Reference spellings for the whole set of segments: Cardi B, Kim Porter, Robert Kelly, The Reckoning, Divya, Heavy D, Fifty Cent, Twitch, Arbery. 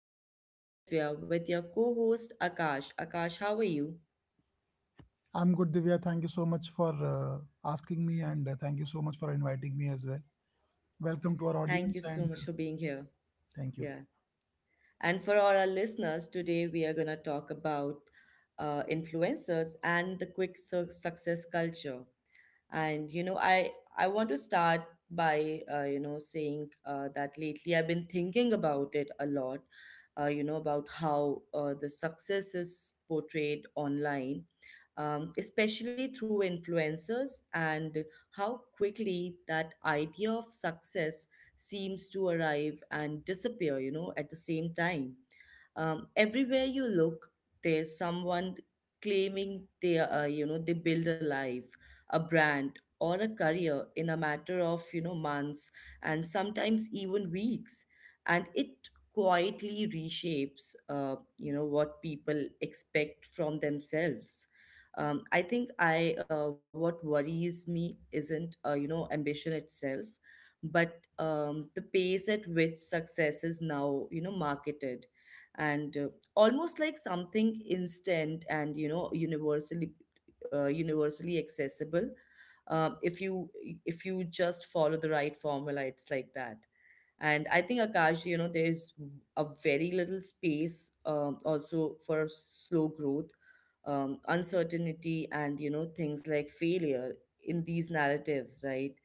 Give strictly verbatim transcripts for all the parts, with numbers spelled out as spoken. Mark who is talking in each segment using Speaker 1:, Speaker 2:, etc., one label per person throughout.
Speaker 1: I'm your host Divya with your co host Akash. Akash, how are you?
Speaker 2: I'm good, Divya. Thank you so much for uh, asking me, and uh, thank you so much for inviting me as well. Welcome to our
Speaker 1: Thank you so
Speaker 2: audience,
Speaker 1: much for
Speaker 2: and uh,
Speaker 1: being here.
Speaker 2: thank you.
Speaker 1: Yeah. And for all our listeners, today we are going to talk about uh, influencers and the quick su- success culture. And you know I i want to start by uh, you know saying uh, that lately I've been thinking about it a lot, uh, you know about how uh, the success is portrayed online, um, especially through influencers, and how quickly that idea of success seems to arrive and disappear, you know, at the same time. Um, everywhere you look, there's someone claiming they, uh, you know, they build a life, a brand, or a career in a matter of, you know, months and sometimes even weeks. And it quietly reshapes, uh, you know, what people expect from themselves. um, I think I uh, what worries me isn't, uh, you know ambition itself but, um, the pace at which success is now, you know, marketed and, uh, almost like something instant and, you know, universally uh, universally accessible. Um, if you if you just follow the right formula, it's like that. And I think, Akash, you know, there's a very little space, um, also for slow growth, um, uncertainty, and, you know, things like failure in these narratives, right?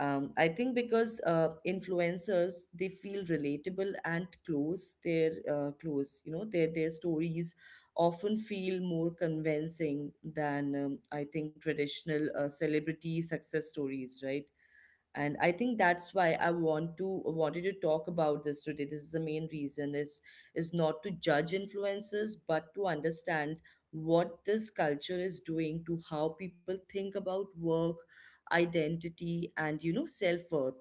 Speaker 1: um, I think because, uh, influencers, they feel relatable and close, their uh, close you know, their their stories often feel more convincing than, um, I think, traditional uh, celebrity success stories, right? And I think that's why i want to wanted to talk about this today. This is the main reason, is is not to judge influences but to understand what this culture is doing to how people think about work, identity, and, you know, self-worth.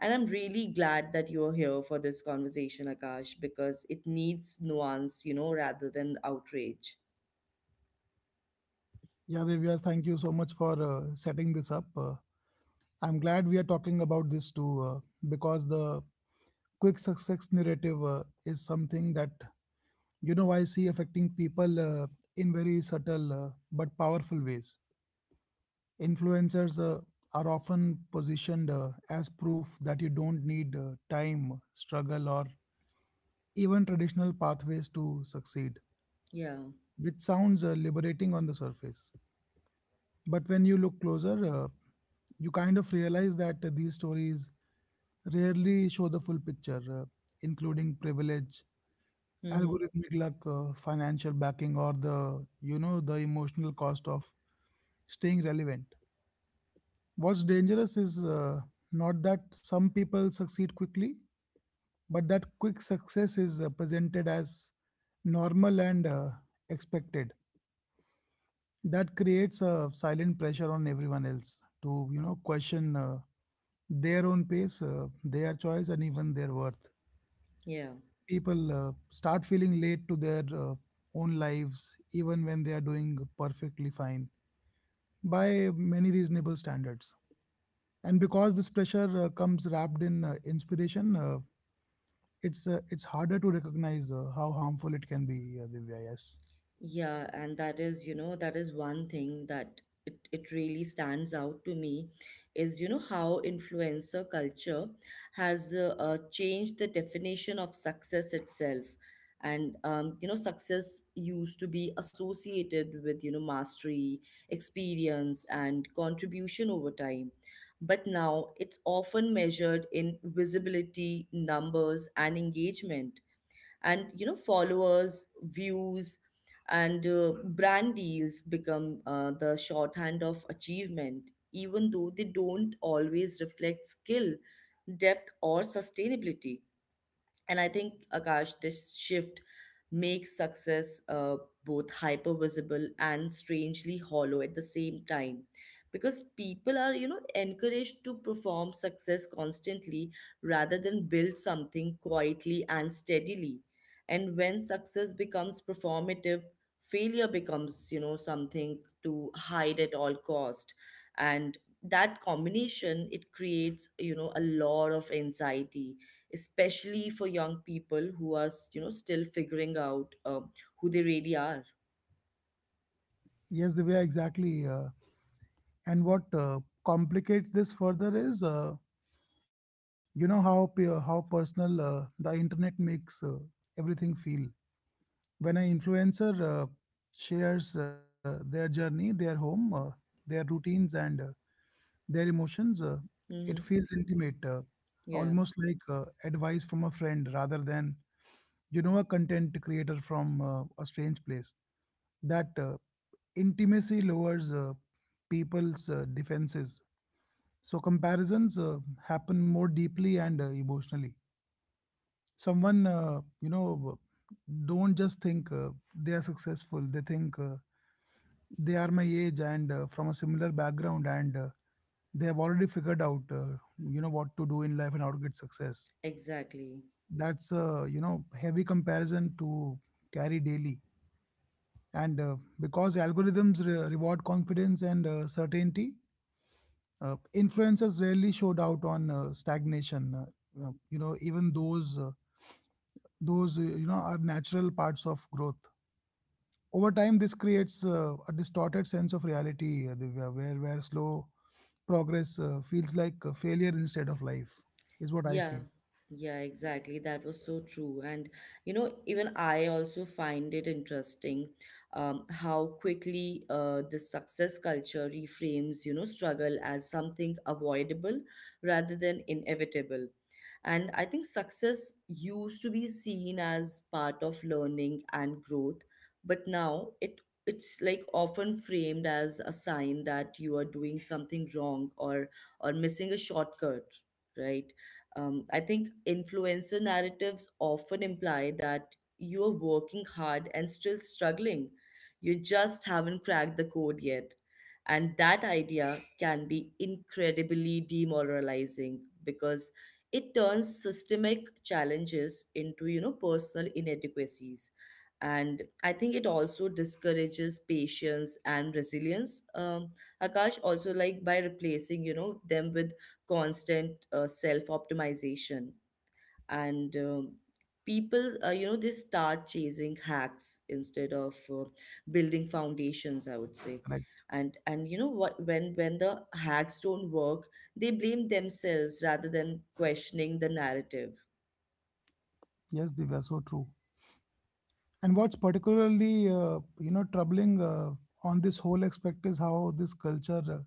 Speaker 1: And I'm really glad that you're here for this conversation, Akash, because it needs nuance, you know, rather than outrage.
Speaker 2: Yeah, Divya, thank you so much for uh, setting this up. Uh, I'm glad we are talking about this too, uh, because the quick success narrative uh, is something that you know I see affecting people uh, in very subtle uh, but powerful ways. Influencers uh, are often positioned uh, as proof that you don't need uh, time, struggle, or even traditional pathways to succeed,
Speaker 1: Yeah.
Speaker 2: which sounds uh, liberating on the surface. But when you look closer, uh, you kind of realize that uh, these stories rarely show the full picture, uh, including privilege,
Speaker 1: Mm-hmm.
Speaker 2: algorithmic luck, uh, financial backing, or the you know the emotional cost of staying relevant. What's dangerous is uh, not that some people succeed quickly, but that quick success is uh, presented as normal and uh, expected. That creates a silent pressure on everyone else to you know question uh, their own pace, uh, their choice, and even their worth.
Speaker 1: Yeah.
Speaker 2: People uh, start feeling late to their uh, own lives even when they are doing perfectly fine by many reasonable standards, and because this pressure uh, comes wrapped in uh, inspiration, uh, it's uh, it's harder to recognize uh, how harmful it can be, uh, Divya. Yes,
Speaker 1: Yeah, and that is, you know, that is one thing that it, it really stands out to me, is, you know, how influencer culture has uh, uh, changed the definition of success itself. And, um, you know, success used to be associated with, you know, mastery, experience, and contribution over time. But now it's often measured in visibility, numbers, and engagement, and, you know, followers, views, and, uh, brand deals become uh, the shorthand of achievement, even though they don't always reflect skill, depth, or sustainability. And I think, Akash, this shift makes success uh, both hyper visible and strangely hollow at the same time. Because people are, you know, encouraged to perform success constantly rather than build something quietly and steadily. And when success becomes performative, failure becomes, you know, something to hide at all cost. And that combination, it creates, you know, a lot of anxiety, especially for young people who are s- you know, still figuring out, um, who they really are.
Speaker 2: yes, Divya, exactly. Uh, and what uh, complicates this further is, uh, you know, how pe- how personal uh, the internet makes uh, everything feel. When an influencer uh, shares uh, their journey, their home, uh, their routines, and uh, their emotions, uh,
Speaker 1: Hmm.
Speaker 2: it feels intimate, uh,
Speaker 1: Yeah.
Speaker 2: almost like uh, advice from a friend rather than you know a content creator from uh, a strange place. That uh, intimacy lowers uh, people's uh, defenses, so comparisons uh, happen more deeply and uh, emotionally. Someone, uh, you know, don't just think uh, they are successful. They think uh, they are my age and uh, from a similar background and uh, they have already figured out, uh, you know, what to do in life and how to get success.
Speaker 1: Exactly.
Speaker 2: That's a you know heavy comparison to carry daily. And uh, because algorithms re- reward confidence and uh, certainty, uh, influencers rarely showed out on uh, stagnation, uh, uh, you know, even those, uh, those uh, you know, are natural parts of growth. Over time, this creates uh, a distorted sense of reality, uh, Divya, where, where slow progress uh, feels like a failure instead of life, is what I
Speaker 1: Yeah,
Speaker 2: feel.
Speaker 1: yeah, exactly. That was so true. And, you know, even I also find it interesting, um, how quickly uh, the success culture reframes, you know, struggle as something avoidable rather than inevitable. And I think success used to be seen as part of learning and growth, but now it it's like often framed as a sign that you are doing something wrong, or or missing a shortcut, right? Um, I think influencer narratives often imply that you're working hard and still struggling. You just haven't cracked the code yet. And that idea can be incredibly demoralizing because it turns systemic challenges into, you know, personal inadequacies. And I think it also discourages patience and resilience. Um, Akash, also, like by replacing, you know, them with constant uh, self optimization and, um, people, uh, you know, they start chasing hacks instead of uh, building foundations, I would say.
Speaker 2: Correct.
Speaker 1: And and you know what, when when the hacks don't work, they blame themselves rather than questioning the narrative.
Speaker 2: Yes, Divya, so true. And what's particularly, uh, you know, troubling uh, on this whole aspect is how this culture uh,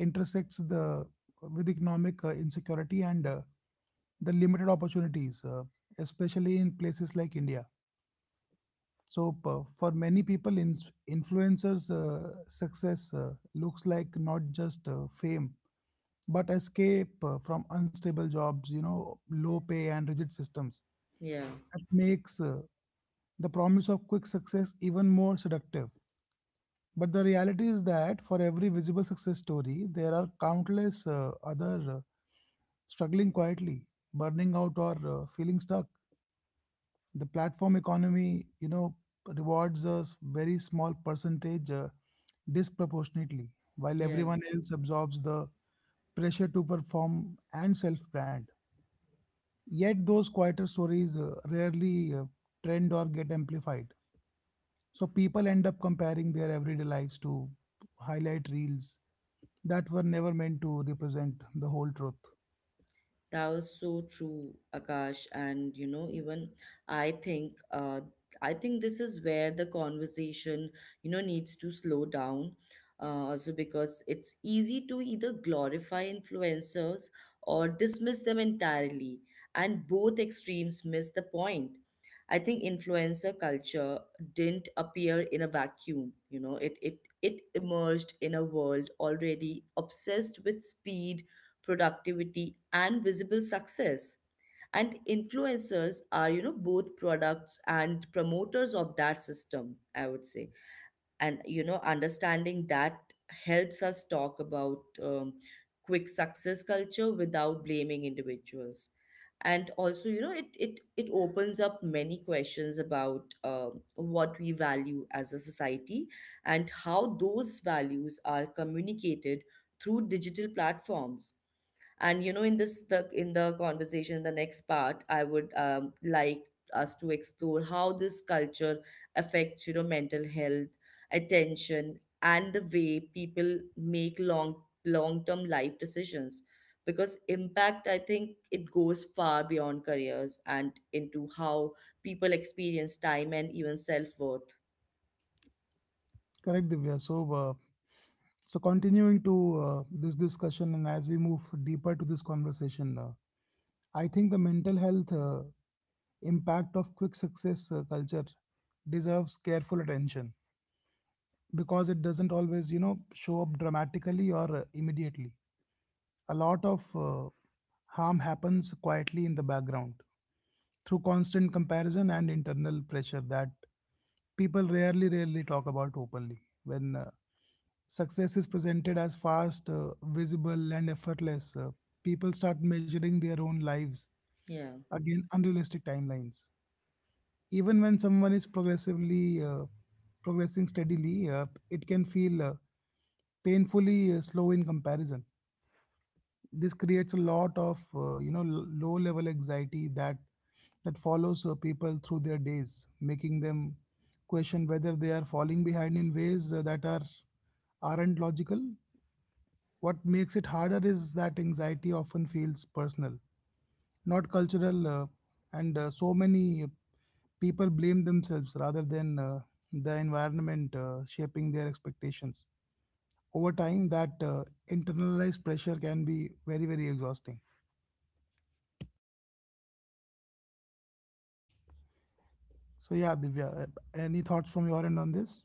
Speaker 2: intersects the uh, with economic uh, insecurity and uh, the limited opportunities, uh, especially in places like India. So, p- for many people, ins influencers' uh, success uh, looks like not just uh, fame, but escape uh, from unstable jobs, you know, low pay and rigid systems.
Speaker 1: Yeah.
Speaker 2: That makes uh, the promise of quick success even more seductive. But the reality is that for every visible success story, there are countless uh, other uh, struggling quietly, burning out, or uh, feeling stuck. The platform economy, you know, rewards a s- very small percentage uh, disproportionately, while
Speaker 1: Yeah.
Speaker 2: everyone else absorbs the pressure to perform and self brand. Yet those quieter stories uh, rarely uh, trend or get amplified, so people end up comparing their everyday lives to highlight reels that were never meant to represent the whole truth.
Speaker 1: That was so true, Akash. And you know, even I think, uh, I think this is where the conversation, you know, needs to slow down. Uh, also because it's easy to either glorify influencers or dismiss them entirely, and both extremes miss the point. I think influencer culture didn't appear in a vacuum. You know, it it it emerged in a world already obsessed with speed, productivity, and visible success. And influencers are, you know, both products and promoters of that system, I would say. And, you know, understanding that helps us talk about, um, quick success culture without blaming individuals. And also, you know, it it it opens up many questions about, um, what we value as a society and how those values are communicated through digital platforms. And, you know, in this the in the conversation, the next part I would, um, like us to explore how this culture affects, you know, mental health, attention, and the way people make long long term life decisions, because impact, I think, it goes far beyond careers and into how people experience time and even self worth.
Speaker 2: Correct. Divya. so uh, So continuing to uh, this discussion, and as we move deeper to this conversation, uh, I think the mental health uh, impact of quick success uh, culture deserves careful attention, because it doesn't always, you know, show up dramatically or uh, immediately. A lot of uh, harm happens quietly in the background through constant comparison and internal pressure that people rarely rarely talk about openly. When uh, success is presented as fast, uh, visible, and effortless, uh, people start measuring their own lives
Speaker 1: Yeah.
Speaker 2: again unrealistic timelines. Even when someone is progressively uh, progressing steadily, uh, it can feel uh, painfully uh, slow in comparison. This creates a lot of, uh, you know, low level anxiety that that follows uh, people through their days, making them question whether they are falling behind in ways uh, that are aren't logical. What makes it harder is that anxiety often feels personal, not cultural. Uh, and uh, so many uh, people blame themselves rather than uh, the environment uh, shaping their expectations. Over time, that uh, internalized pressure can be very very exhausting. So yeah, Divya, uh, any thoughts from your end on this?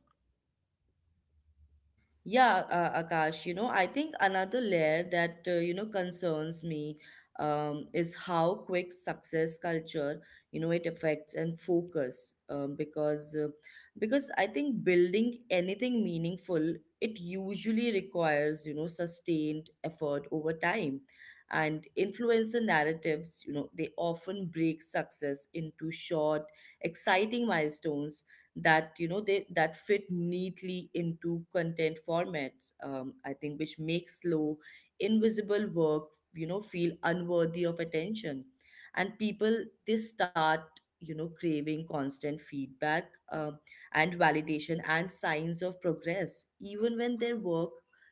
Speaker 1: Yeah, uh, Akash, you know, I think another layer that, uh, you know, concerns me, um, is how quick success culture, you know, it affects and focus, um, because uh, because I think building anything meaningful, it usually requires, you know, sustained effort over time. And influencer narratives, you know, they often break success into short, exciting milestones that, you know they that fit neatly into content formats, um, I think, which makes slow, invisible work, you know, feel unworthy of attention. And people, they start, you know, craving constant feedback, um, and validation and signs of progress even when their work,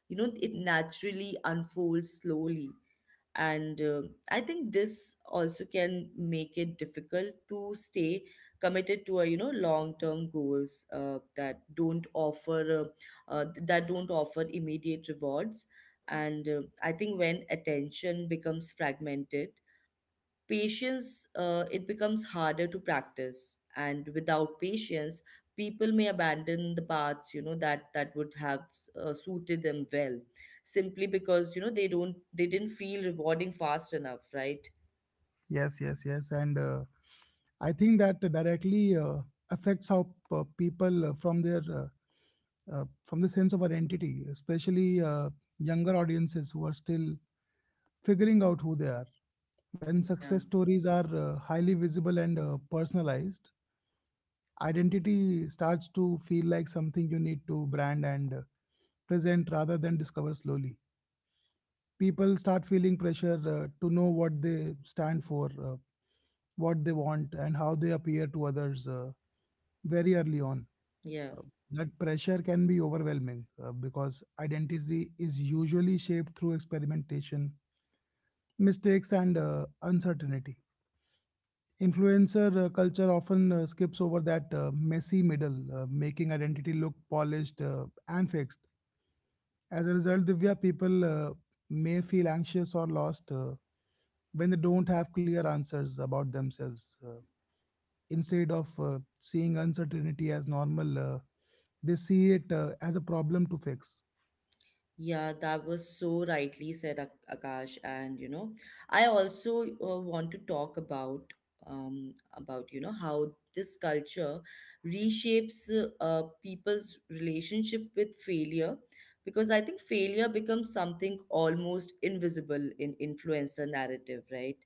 Speaker 1: you know, it naturally unfolds slowly. And, uh, I think this also can make it difficult to stay committed to a, you know, long term goals uh, that don't offer uh, uh, that don't offer immediate rewards. And, uh, I think when attention becomes fragmented, patience, uh, it becomes harder to practice. And without patience, people may abandon the paths, you know, that that would have uh, suited them well, simply because, you know, they don't they didn't feel rewarding fast enough, right?
Speaker 2: Yes, yes, yes, and uh, I think that directly uh, affects how p- people uh, from their uh, uh, from the sense of identity, especially uh, younger audiences who are still figuring out who they are. When
Speaker 1: Yeah.
Speaker 2: success stories are uh, highly visible and uh, personalized, identity starts to feel like something you need to brand and uh, present rather than discover slowly. People start feeling pressure uh, to know what they stand for, uh, what they want, and how they appear to others, uh, very early on.
Speaker 1: Yeah.
Speaker 2: Uh, that pressure can be overwhelming uh, because identity is usually shaped through experimentation, mistakes, and uh, uncertainty. Influencer uh, culture often uh, skips over that uh, messy middle, uh, making identity look polished uh, and fixed. As a result, Divya, people uh, may feel anxious or lost uh, when they don't have clear answers about themselves. Uh, instead of uh, seeing uncertainty as normal, uh, they see it uh, as a problem to fix.
Speaker 1: Yeah, that was so rightly said, Ak- Akash. And you know, I also, uh, want to talk about, um about, you know, how this culture reshapes uh, uh, people's relationship with failure, because I think failure becomes something almost invisible in influencer narrative, right?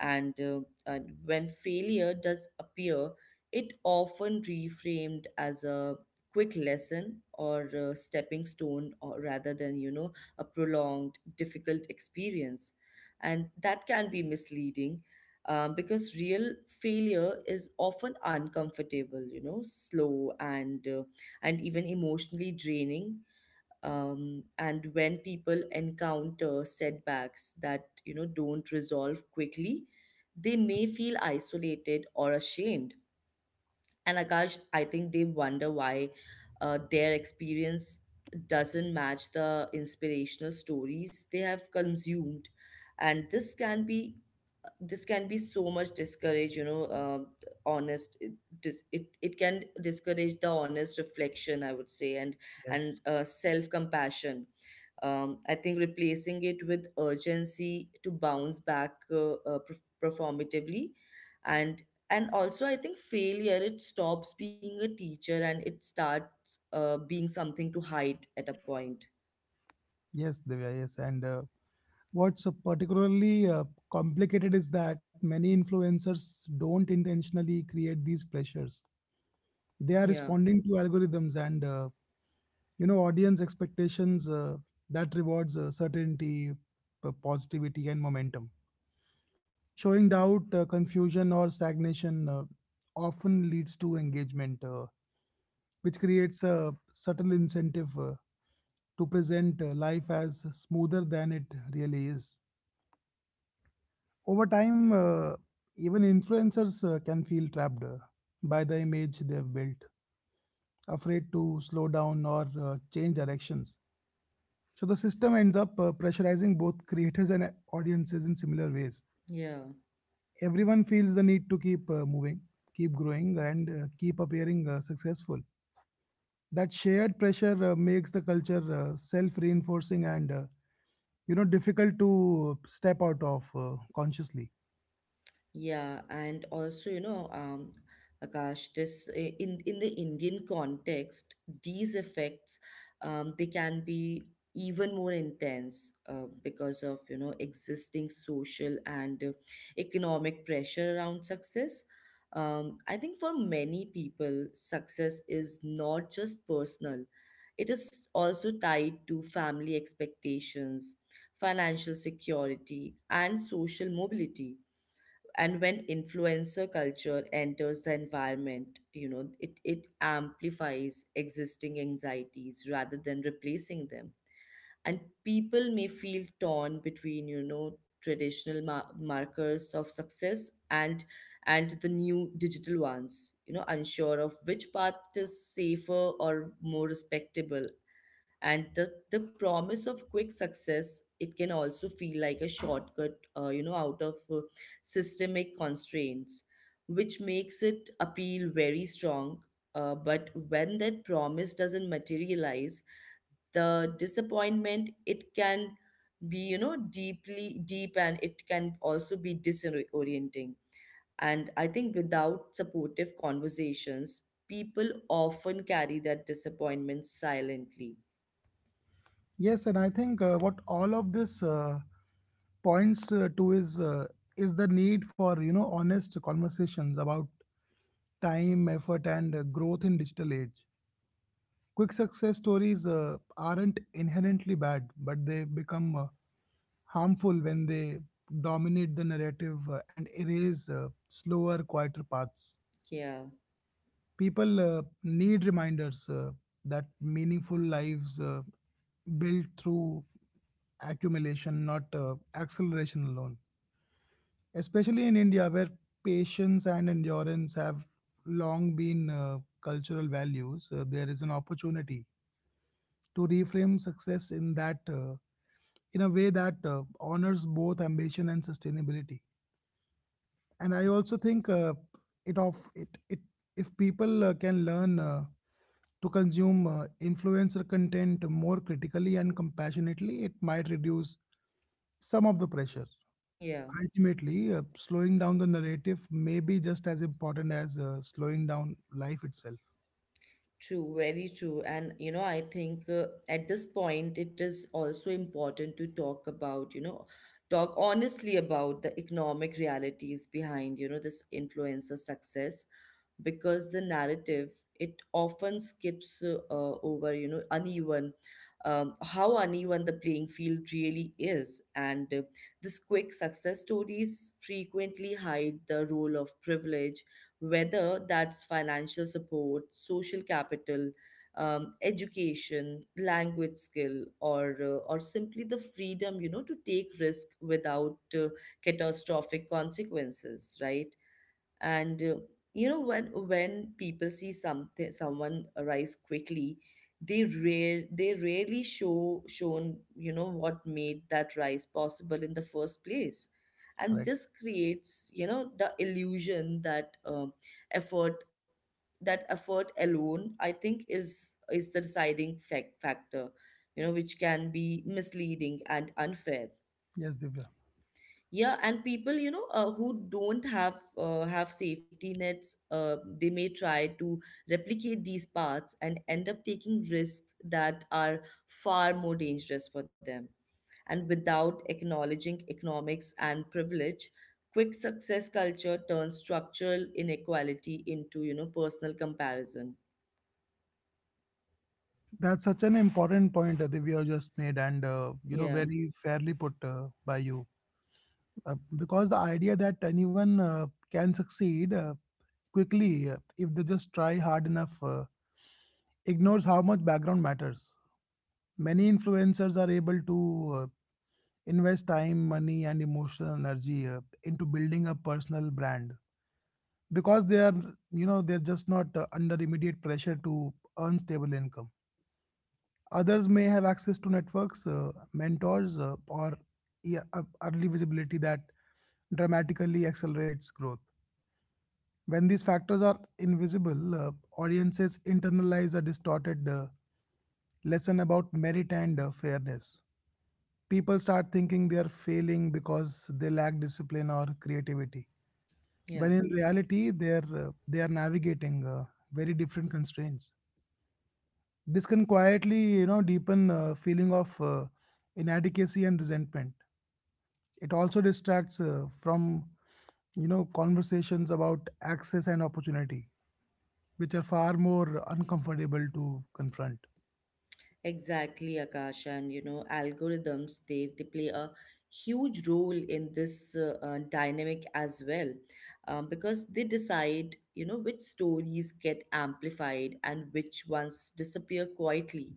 Speaker 1: And, uh, and when failure does appear, it often reframed as a quick lesson or a stepping stone, or rather than, you know, a prolonged difficult experience. And that can be misleading, um, because real failure is often uncomfortable, you know, slow, and, uh, and even emotionally draining. Um, and when people encounter setbacks that, you know, don't resolve quickly, they may feel isolated or ashamed. And Akash, I think they wonder why uh, their experience doesn't match the inspirational stories they have consumed. And this can be, this can be so much discouraged, you know, uh, honest it, dis- it it can discourage the honest reflection, I would say, and and
Speaker 2: Yes.
Speaker 1: uh, self compassion, um, I think, replacing it with urgency to bounce back uh, uh, perf- performatively. and and also, I think failure, it stops being a teacher and it starts, uh, being something to hide at a point.
Speaker 2: Yes, Divya, yes. And uh, what's uh, particularly uh, complicated is that many influencers don't intentionally create these pressures. They are
Speaker 1: Yeah.
Speaker 2: responding to algorithms and, uh, you know, audience expectations uh, that rewards uh, certainty, p- positivity, and momentum. Showing doubt, uh, confusion, or stagnation uh, often leads to engagement, uh, which creates a subtle incentive uh, to present uh, life as smoother than it really is. Over time, uh, even influencers uh, can feel trapped uh, by the image they've built, afraid to slow down or uh, change directions. So the system ends up uh, pressurizing both creators and uh, audiences in similar ways.
Speaker 1: Yeah.
Speaker 2: Everyone feels the need to keep uh, moving, keep growing, and uh, keep appearing uh, successful. That shared pressure uh, makes the culture uh, self-reinforcing and, uh, you know, difficult to step out of uh, consciously.
Speaker 1: Yeah, and also, you know, um, Akash, this i- in in the Indian context, these effects, um, they can be even more intense, uh, because of, you know, existing social and, uh, economic pressure around success. Um, I think for many people, success is not just personal. It is also tied to family expectations, financial security, and social mobility. And when influencer culture enters the environment, you know, it, it amplifies existing anxieties rather than replacing them. And people may feel torn between, you know, traditional mar- markers of success and and the new digital ones, you know, unsure of which path is safer or more respectable. And the, the promise of quick success, it can also feel like a shortcut, uh, you know, out of, uh, systemic constraints, which makes it appeal very strong. Uh, but when that promise doesn't materialize, the disappointment, it can be, you know, deeply deep, and it can also be disorienting. And I think without supportive conversations, people often carry that disappointment silently.
Speaker 2: Yes, and I think, uh, what all of this uh, points uh, to is, uh, is the need for you know honest conversations about time, effort, and uh, growth in digital age. Quick success stories uh, aren't inherently bad, but they become uh, harmful when they dominate the narrative uh, and erase uh, slower, quieter paths.
Speaker 1: Yeah.
Speaker 2: People uh, need reminders uh, that meaningful lives uh, built through accumulation, not uh, acceleration alone. Especially in India, where patience and endurance have long been uh, cultural values, uh, there is an opportunity to reframe success in that uh, in a way that uh, honors both ambition and sustainability. And I also think, uh, it of it it if people uh, can learn uh, to consume uh, influencer content more critically and compassionately, it might reduce some of the pressure.
Speaker 1: Yeah,
Speaker 2: Ultimately, uh, slowing down the narrative may be just as important as uh, slowing down life itself.
Speaker 1: true, very true. And you know, I think uh, at this point it is also important to talk about, you know, talk honestly about the economic realities behind, you know, this influencer success because the narrative it often skips uh, uh, over you know uneven um, how uneven the playing field really is and uh, these quick success stories frequently hide the role of privilege whether that's financial support social capital, um, education language skill or uh, or simply the freedom you know to take risk without uh, catastrophic consequences, right? And uh, you know when when people see something someone rise quickly, they rare they rarely show shown you know what made that rise possible in the first place. And
Speaker 2: Correct.
Speaker 1: this creates you know the illusion that um, effort, that effort alone I think is is the deciding fac- factor, you know, which can be misleading and unfair.
Speaker 2: Yes, Divya.
Speaker 1: Yeah, and people, you know, uh, who don't have uh, have safety nets, uh, they may try to replicate these paths and end up taking risks that are far more dangerous for them. And without acknowledging economics and privilege, quick success culture turns structural inequality into, you know, personal comparison.
Speaker 2: That's such an important point uh, Divya just made, and, uh, you know,
Speaker 1: Yeah,
Speaker 2: very fairly put uh, by you. Uh, because the idea that anyone uh, can succeed uh, quickly uh, if they just try hard enough uh, ignores how much background matters. Many influencers are able to uh, invest time, money, and emotional energy uh, into building a personal brand because they are, you know, they're just not uh, under immediate pressure to earn stable income. Others may have access to networks, uh, mentors, uh, or yeah, uh, early visibility that dramatically accelerates growth. When these factors are invisible, uh, audiences internalize a distorted uh, lesson about merit and uh, fairness. People start thinking they are failing because they lack discipline or creativity,
Speaker 1: yeah.
Speaker 2: when in reality they're uh, they are navigating uh, very different constraints. This can quietly, you know, deepen a feeling of uh, inadequacy and resentment. It also distracts uh, from, you know, conversations about access and opportunity, which are far more uncomfortable to confront.
Speaker 1: Exactly, Akash, and you know, algorithms they they play a huge role in this uh, uh, dynamic as well, um, because they decide you know which stories get amplified and which ones disappear quietly.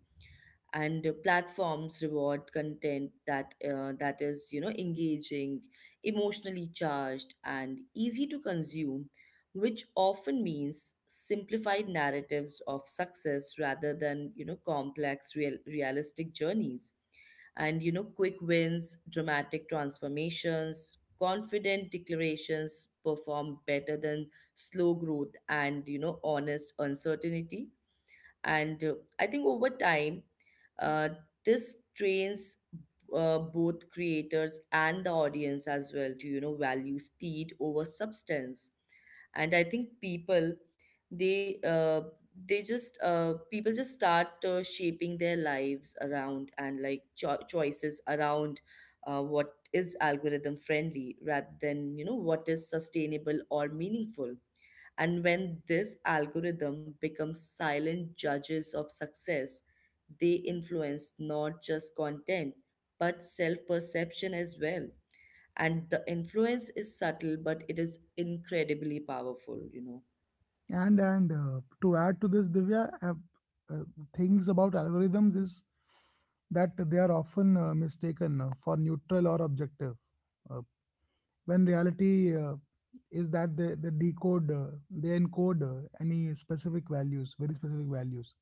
Speaker 1: And uh, platforms reward content that uh, that is you know engaging, emotionally charged, and easy to consume, which often means simplified narratives of success rather than you know complex real realistic journeys. And you know quick wins, dramatic transformations, confident declarations perform better than slow growth and you know honest uncertainty. And uh, I think over time, uh, this trains uh, both creators and the audience as well to, you know, value speed over substance. And I think people, they uh, they just uh, people just start uh, shaping their lives around and like cho- choices around uh, what is algorithm friendly rather than you know what is sustainable or meaningful. And when this algorithm becomes silent judges of success, they influence not just content, but self perception as well. And the influence is subtle, but it is incredibly powerful, you know.
Speaker 2: And and uh, To add to this, Divya, uh, uh, things about algorithms is that they are often uh, mistaken uh, for neutral or objective, uh, when reality uh, is that they, they decode, uh, they encode uh, any specific values, very specific values.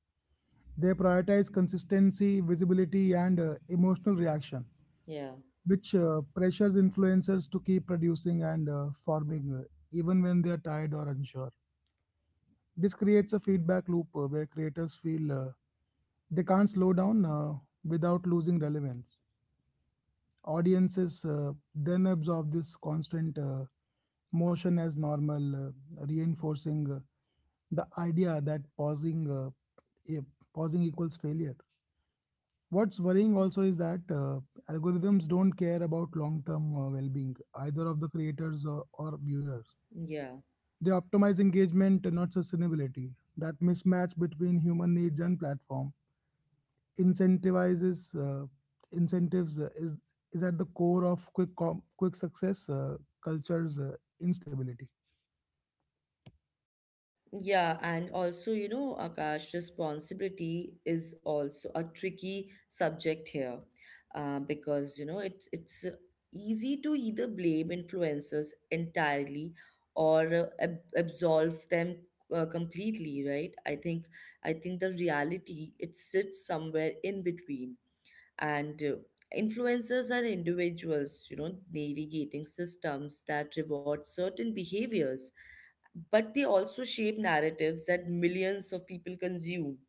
Speaker 2: They prioritize consistency, visibility, and uh, emotional reaction,
Speaker 1: Yeah,
Speaker 2: which uh, pressures influencers to keep producing and uh, forming uh, even when they are tired or unsure. This creates a feedback loop uh, where creators feel uh, they can't slow down uh, without losing relevance. Audiences uh, then absorb this constant uh, motion as normal, uh, reinforcing uh, the idea that pausing uh, e- pausing equals failure. What's worrying also is that uh, algorithms don't care about long term uh, well being, either of the creators or, or viewers.
Speaker 1: yeah.
Speaker 2: They optimize engagement, not sustainability. That mismatch between human needs and platform incentivizes uh, incentives uh, is, is at the core of quick, com- quick success uh, culture's uh, instability.
Speaker 1: Yeah, and also, you know, Akash, responsibility is also a tricky subject here, uh, because you know it's it's easy to either blame influencers entirely or uh, ab absolve them uh, completely, right? I think I think the reality it sits somewhere in between, and uh, influencers are individuals, you know, navigating systems that reward certain behaviors, but they also shape narratives that millions of people consume.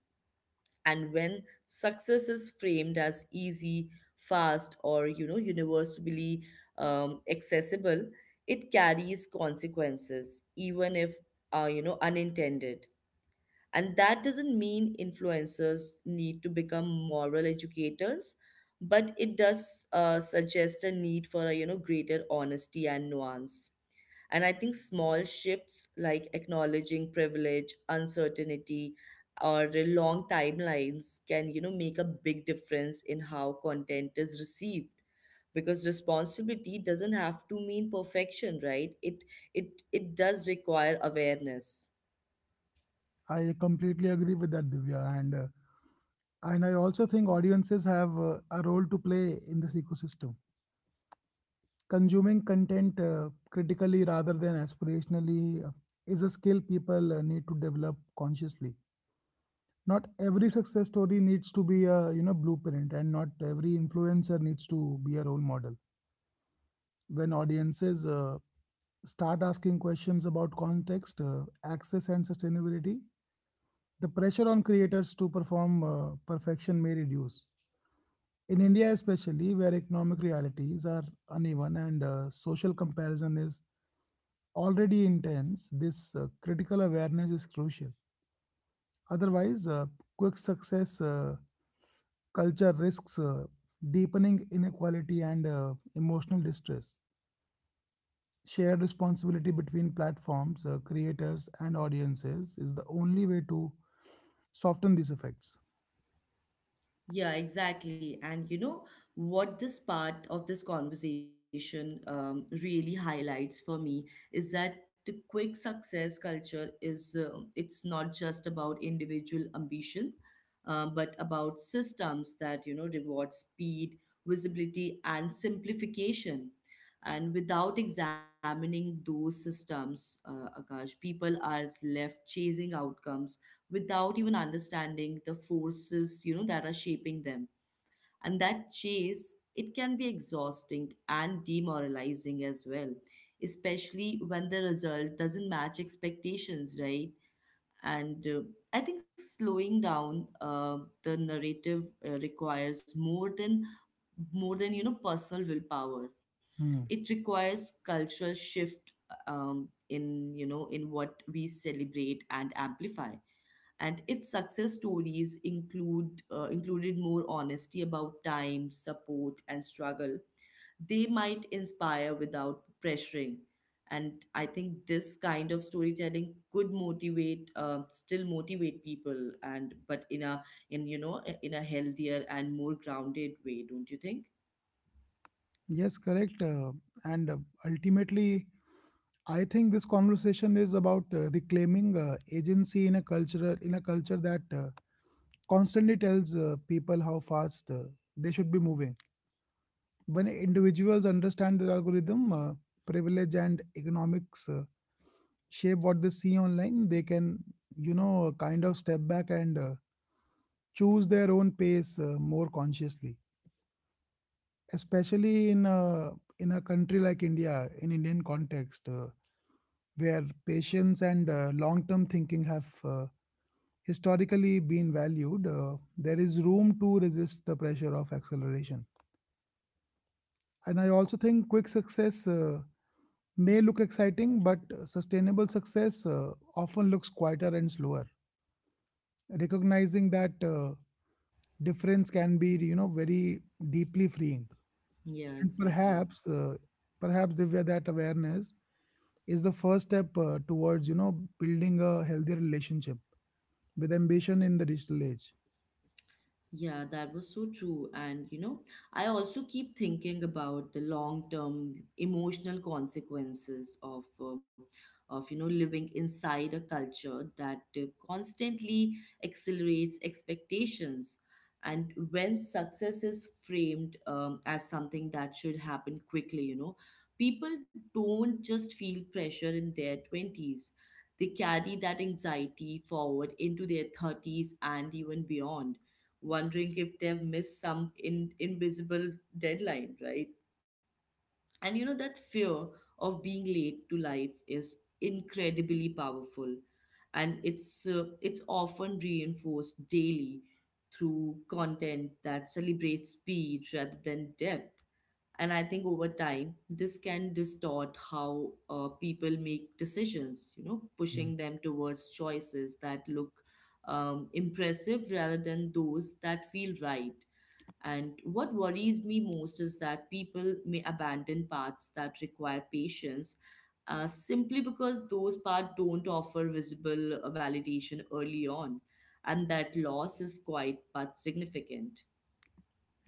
Speaker 1: And when success is framed as easy, fast, or you know, universally um, accessible, it carries consequences, even if uh, you know unintended. And that doesn't mean influencers need to become moral educators, but it does uh, suggest a need for a you know greater honesty and nuance. And I think small shifts like acknowledging privilege, uncertainty, or long timelines can, you know, make a big difference in how content is received. Because responsibility doesn't have to mean perfection, right? It it it does require awareness.
Speaker 2: I completely agree with that, Divya. And, uh, and I also think audiences have uh, a role to play in this ecosystem. Consuming content uh, critically rather than aspirationally uh, is a skill people uh, need to develop consciously. Not every success story needs to be a you know blueprint, and not every influencer needs to be a role model. When audiences uh, start asking questions about context, uh, access, and sustainability, the pressure on creators to perform uh, perfection may reduce. In India, especially, where economic realities are uneven and uh, social comparison is already intense, this uh, critical awareness is crucial. Otherwise, uh, quick success uh, culture risks uh, deepening inequality and uh, emotional distress. Shared responsibility between platforms, uh, creators, and audiences is the only way to soften these effects.
Speaker 1: Yeah, exactly. And you know what this part of this conversation um, really highlights for me is that the quick success culture is uh, it's not just about individual ambition, uh, but about systems that you know reward speed, visibility, and simplification. And without examining those systems, uh, Akash, people are left chasing outcomes without even understanding the forces you know that are shaping them. And that chase it can be exhausting and demoralizing as well, especially when the result doesn't match expectations, right? And uh, I think slowing down uh, the narrative uh, requires more than more than you know personal willpower.
Speaker 2: Hmm.
Speaker 1: It requires cultural shift, um, in you know in what we celebrate and amplify. And if success stories include uh, included more honesty about time, support, and struggle, they might inspire without pressuring. And I think this kind of storytelling could motivate uh, still motivate people, and but in a in you know in a healthier and more grounded way, don't you think?
Speaker 2: Yes, correct. Uh, and uh, ultimately, I think this conversation is about uh, reclaiming uh, agency in a cultural in a culture that uh, constantly tells uh, people how fast uh, they should be moving. When individuals understand the algorithm, uh, privilege, and economics uh, shape what they see online, they can you know kind of step back and uh, choose their own pace uh, more consciously. Especially in a in a country like India, in Indian context, Uh, where patience and uh, long term thinking have uh, historically been valued, uh, there is room to resist the pressure of acceleration. And I also think quick success uh, may look exciting, but sustainable success uh, often looks quieter and slower, recognizing that uh, difference can be you know very deeply freeing.
Speaker 1: Yeah,
Speaker 2: And
Speaker 1: exactly.
Speaker 2: perhaps uh, perhaps, Divya, that awareness is the first step uh, towards you know building a healthier relationship with ambition in the digital age.
Speaker 1: Yeah, that was so true. And you know, I also keep thinking about the long-term emotional consequences of uh, of you know living inside a culture that uh, constantly accelerates expectations. And when success is framed um, as something that should happen quickly, you know, people don't just feel pressure in their twenties. They carry that anxiety forward into their thirties and even beyond, wondering if they've missed some in, invisible deadline, right? And you know, that fear of being late to life is incredibly powerful. And it's, uh, it's often reinforced daily through content that celebrates speed rather than depth. And I think over time, this can distort how uh, people make decisions, you know,
Speaker 2: Mm.
Speaker 1: pushing them towards choices that look um, impressive rather than those that feel right. And what worries me most is that people may abandon paths that require patience, uh, simply because those paths don't offer visible uh, validation early on. And that loss is quite but significant.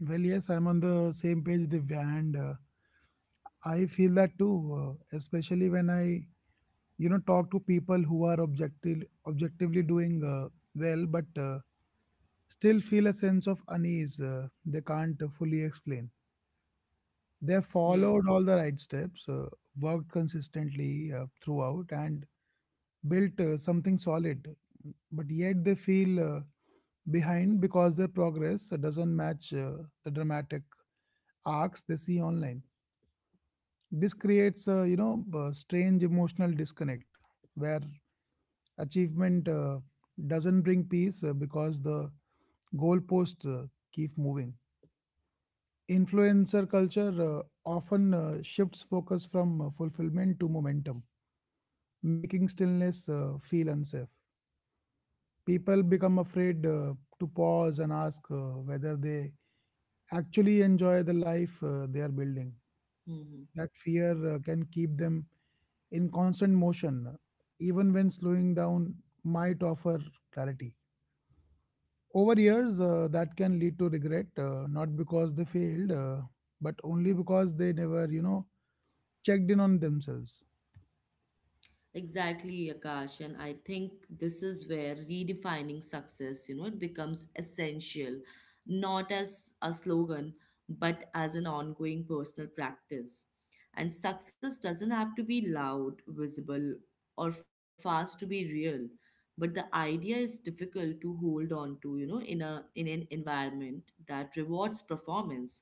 Speaker 2: Well, yes, I'm on the same page, Divya. And uh, I feel that too, uh, especially when I you know talk to people who are objective objectively doing uh, well, but uh, still feel a sense of unease uh, they can't uh, fully explain. They
Speaker 1: Yeah.
Speaker 2: followed all the right steps, uh, worked consistently uh, throughout, and built uh, something solid, but yet they feel uh, behind, because their progress uh, doesn't match uh, the dramatic arcs they see online. This creates a you know a strange emotional disconnect where achievement uh, doesn't bring peace uh, because the goalposts uh, keep moving. Influencer culture uh, often uh, shifts focus from uh, fulfillment to momentum, making stillness uh, feel unsafe. People become afraid uh, to pause and ask uh, whether they actually enjoy the life uh, they are building.
Speaker 1: Mm-hmm.
Speaker 2: That fear uh, can keep them in constant motion, even when slowing down might offer clarity. Over years, uh, that can lead to regret, uh, not because they failed, uh, but only because they never, you know, checked in on themselves.
Speaker 1: Exactly, Akash. And I think this is where redefining success, you know, it becomes essential, not as a slogan, but as an ongoing personal practice. And success doesn't have to be loud, visible, or fast to be real. But the idea is difficult to hold on to, you know, in a in an environment that rewards performance.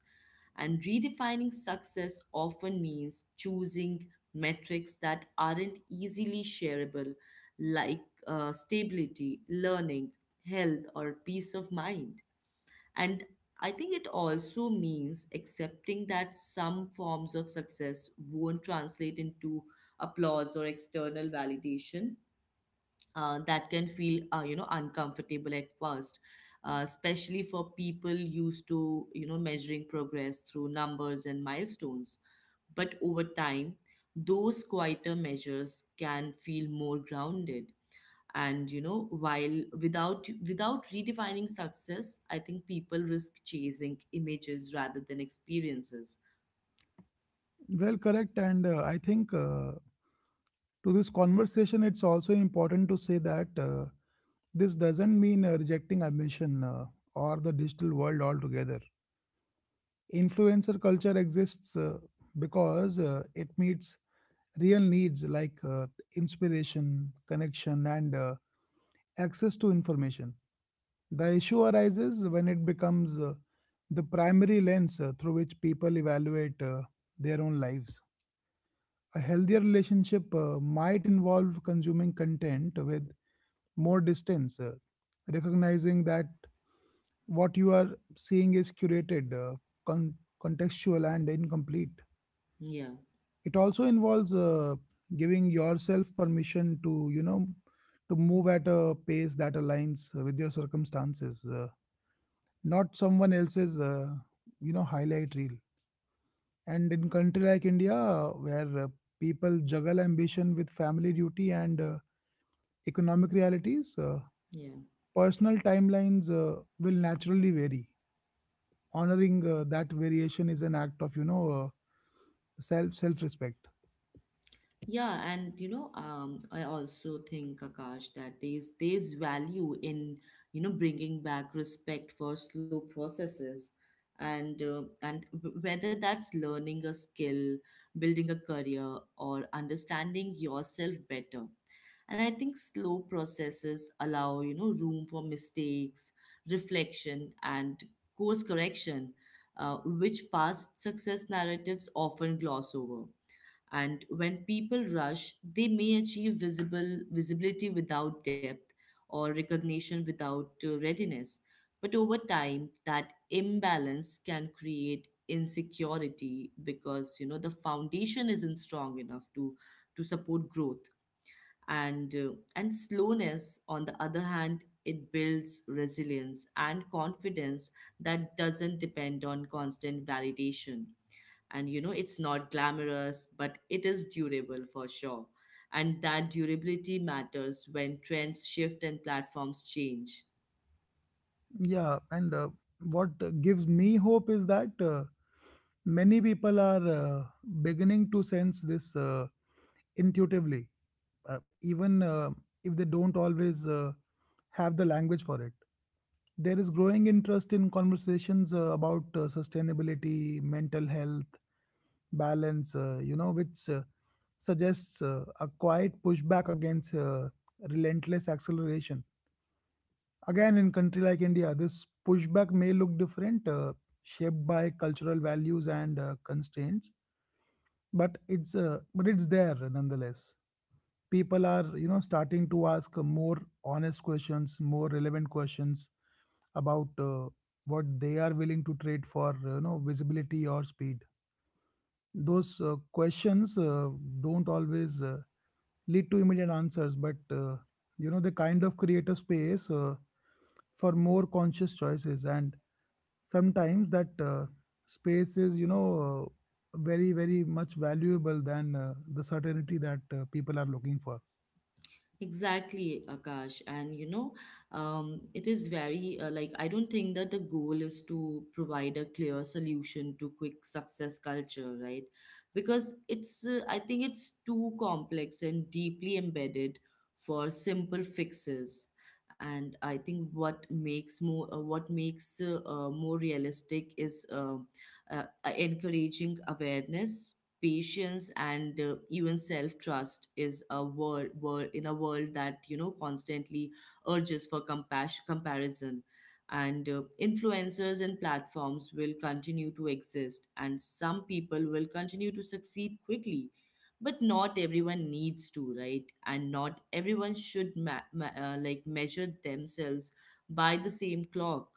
Speaker 1: And redefining success often means choosing metrics that aren't easily shareable, like uh, stability, learning, health, or peace of mind. And I think it also means accepting that some forms of success won't translate into applause or external validation, uh, that can feel uh, you know uncomfortable at first, uh, especially for people used to you know measuring progress through numbers and milestones. But over time those quieter measures can feel more grounded. And you know while without without redefining success I think people risk chasing images rather than experiences.
Speaker 2: Well, correct. And uh, I think uh, to this conversation, it's also important to say that uh, this doesn't mean uh, rejecting ambition uh, or the digital world altogether. Influencer culture exists uh, because uh, it meets real needs like uh, inspiration, connection, and uh, access to information. The issue arises when it becomes uh, the primary lens uh, through which people evaluate uh, their own lives. A healthier relationship uh, might involve consuming content with more distance, uh, recognizing that what you are seeing is curated, uh, con- contextual, and incomplete.
Speaker 1: Yeah,
Speaker 2: It also involves uh, giving yourself permission to, you know, to move at a pace that aligns with your circumstances, uh, not someone else's, uh, you know, highlight reel. And in country like India, where uh, people juggle ambition with family duty and uh, economic realities, uh,
Speaker 1: yeah.
Speaker 2: personal timelines uh, will naturally vary. Honoring uh, that variation is an act of, you know, uh, self self respect.
Speaker 1: Yeah, and you know, um, I also think, Akash, that there's there's value in you know bringing back respect for slow processes, and uh, and w- whether that's learning a skill, building a career, or understanding yourself better. And I think slow processes allow you know room for mistakes, reflection, and course correction, uh, which fast success narratives often gloss over. And when people rush they may achieve visible visibility without depth or recognition without uh, readiness. But over time that imbalance can create insecurity because you know the foundation isn't strong enough to to support growth. And uh, and slowness on the other hand it builds resilience and confidence that doesn't depend on constant validation. And you know it's not glamorous but it is durable for sure. And that durability matters when trends shift and platforms change.
Speaker 2: Yeah, and uh, what uh, gives me hope is that uh, many people are uh, beginning to sense this uh, intuitively, uh, even uh, if they don't always uh, have the language for it. There is growing interest in conversations uh, about uh, sustainability, mental health, balance, uh, you know, which uh, suggests uh, a quiet pushback against uh, relentless acceleration. Again, in country like India, this pushback may look different, uh, shaped by cultural values and uh, constraints, but it's uh, but it's there nonetheless. People are you know starting to ask more honest questions, more relevant questions about uh, what they are willing to trade for uh, you know visibility or speed. Those uh, questions uh, don't always uh, lead to immediate answers, but uh, you know they kind of create a space uh, for more conscious choices, and sometimes that uh, space is you know uh, very very much valuable than uh, the certainty that uh, people are looking for.
Speaker 1: Exactly, Akash. And you know, um, it is very uh, like I don't think that the goal is to provide a clear solution to quick success culture, right? Because it's, uh, I think it's too complex and deeply embedded for simple fixes. And I think what makes more, uh, what makes uh, uh, more realistic is uh, uh, encouraging awareness, patience, and uh, even self trust is a world, world in a world that you know constantly urges for compassion comparison. And uh, influencers and platforms will continue to exist and some people will continue to succeed quickly, but not everyone needs to, right? And not everyone should ma- ma- uh, like measure themselves by the same clock.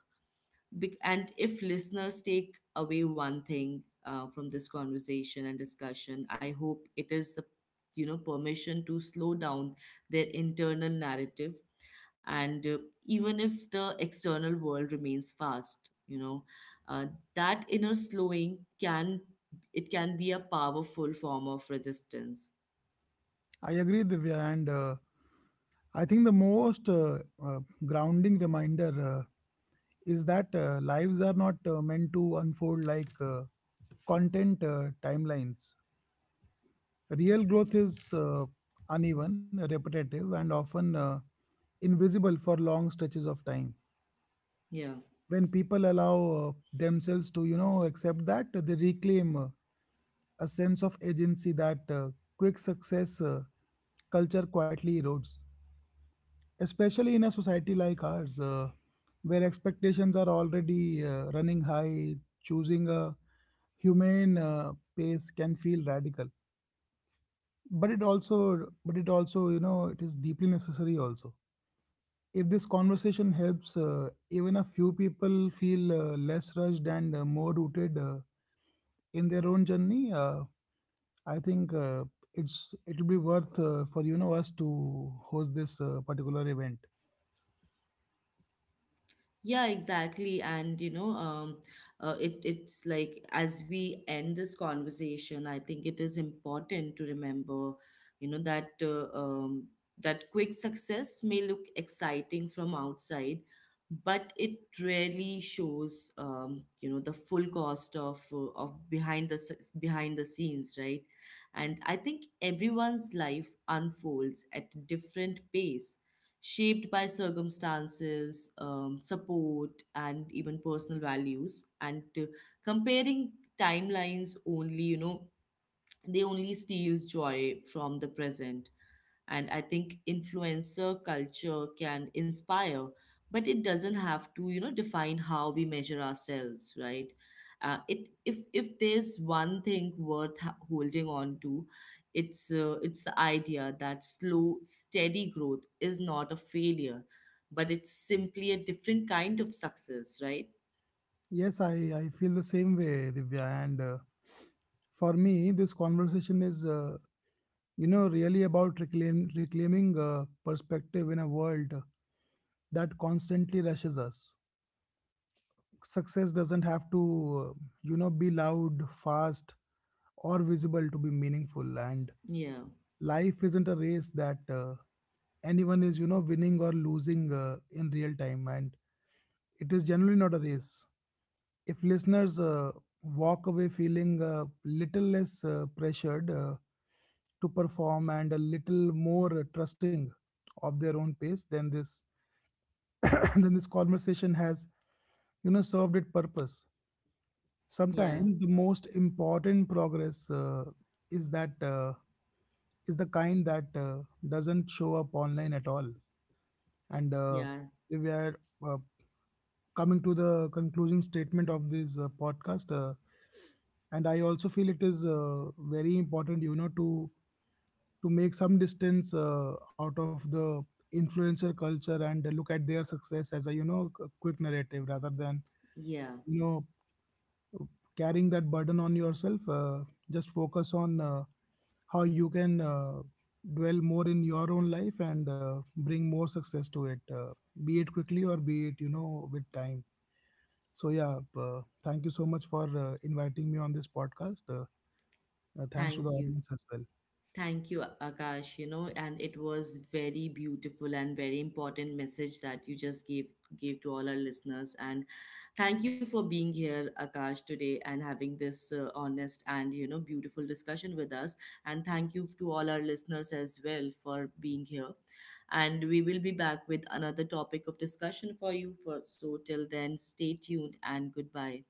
Speaker 1: Bec- and if listeners take away one thing uh, from this conversation and discussion, I hope it is the you know permission to slow down their internal narrative. And uh, even if the external world remains fast, you know, uh, that inner slowing can, it can be a powerful form of resistance.
Speaker 2: I agree, Divya. And uh, I think the most uh, uh, grounding reminder uh, is that uh, lives are not uh, meant to unfold like uh, content uh, timelines. Real growth is uh, uneven, repetitive, and often uh, invisible for long stretches of time.
Speaker 1: Yeah.
Speaker 2: When people allow uh, themselves to, you know, accept that, they reclaim uh, a sense of agency that uh, quick success uh, culture quietly erodes. Especially in a society like ours, uh, where expectations are already uh, running high, choosing a humane uh, pace can feel radical, but it also but it also you know it is deeply necessary also. If this conversation helps uh, even a few people feel uh, less rushed and uh, more rooted uh, in their own journey, uh, i think uh, it's it will be worth uh, for you know us to host this uh, particular event.
Speaker 1: Yeah, exactly. And you know, um, uh, it it's like as we end this conversation, I think it is important to remember, you know, that uh, um, that quick success may look exciting from outside, but it rarely shows, um, you know, the full cost of uh, of behind the s- behind the scenes, right? And I think everyone's life unfolds at a different pace, shaped by circumstances, um, support, and even personal values. And uh, comparing timelines only, you know, they only steals joy from the present. And I think influencer culture can inspire but it doesn't have to you know define how we measure ourselves, right? Uh, it if if there's one thing worth ha- holding on to, it's uh, it's the idea that slow steady growth is not a failure, but it's simply a different kind of success, right?
Speaker 2: Yes, I, I feel the same way, Divya. And uh, for me, this conversation is, uh, you know, really about reclaim, reclaiming uh, perspective in a world that constantly rushes us. Success doesn't have to, uh, you know, be loud, fast, or visible to be meaningful. And
Speaker 1: Yeah,
Speaker 2: life isn't a race that uh, anyone is, you know, winning or losing uh, in real time. And it is generally not a race. If listeners uh, walk away feeling a little less uh, pressured uh, to perform and a little more uh, trusting of their own pace, then this then this conversation has you know served its purpose.
Speaker 1: yeah,
Speaker 2: Sometimes the most important progress uh, is that uh, is the kind that uh, doesn't show up online at all. And uh,
Speaker 1: yeah,
Speaker 2: we are uh, coming to the concluding statement of this uh, podcast, uh, and I also feel it is uh, very important you know to to make some distance uh, out of the influencer culture and look at their success as a you know c- quick narrative rather than
Speaker 1: yeah,
Speaker 2: you know carrying that burden on yourself. Uh, just focus on uh, how you can uh, dwell more in your own life and uh, bring more success to it, uh, be it quickly or be it you know with time. So yeah, uh, thank you so much for uh, inviting me on this podcast. Uh, uh, thanks to the
Speaker 1: thank you.
Speaker 2: audience as well.
Speaker 1: Thank you, Akash, you know, and it was very beautiful and very important message that you just gave gave to all our listeners. And thank you for being here, Akash, today and having this uh, honest and you know beautiful discussion with us. And thank you to all our listeners as well for being here. And we will be back with another topic of discussion for you. For so till then, stay tuned and goodbye.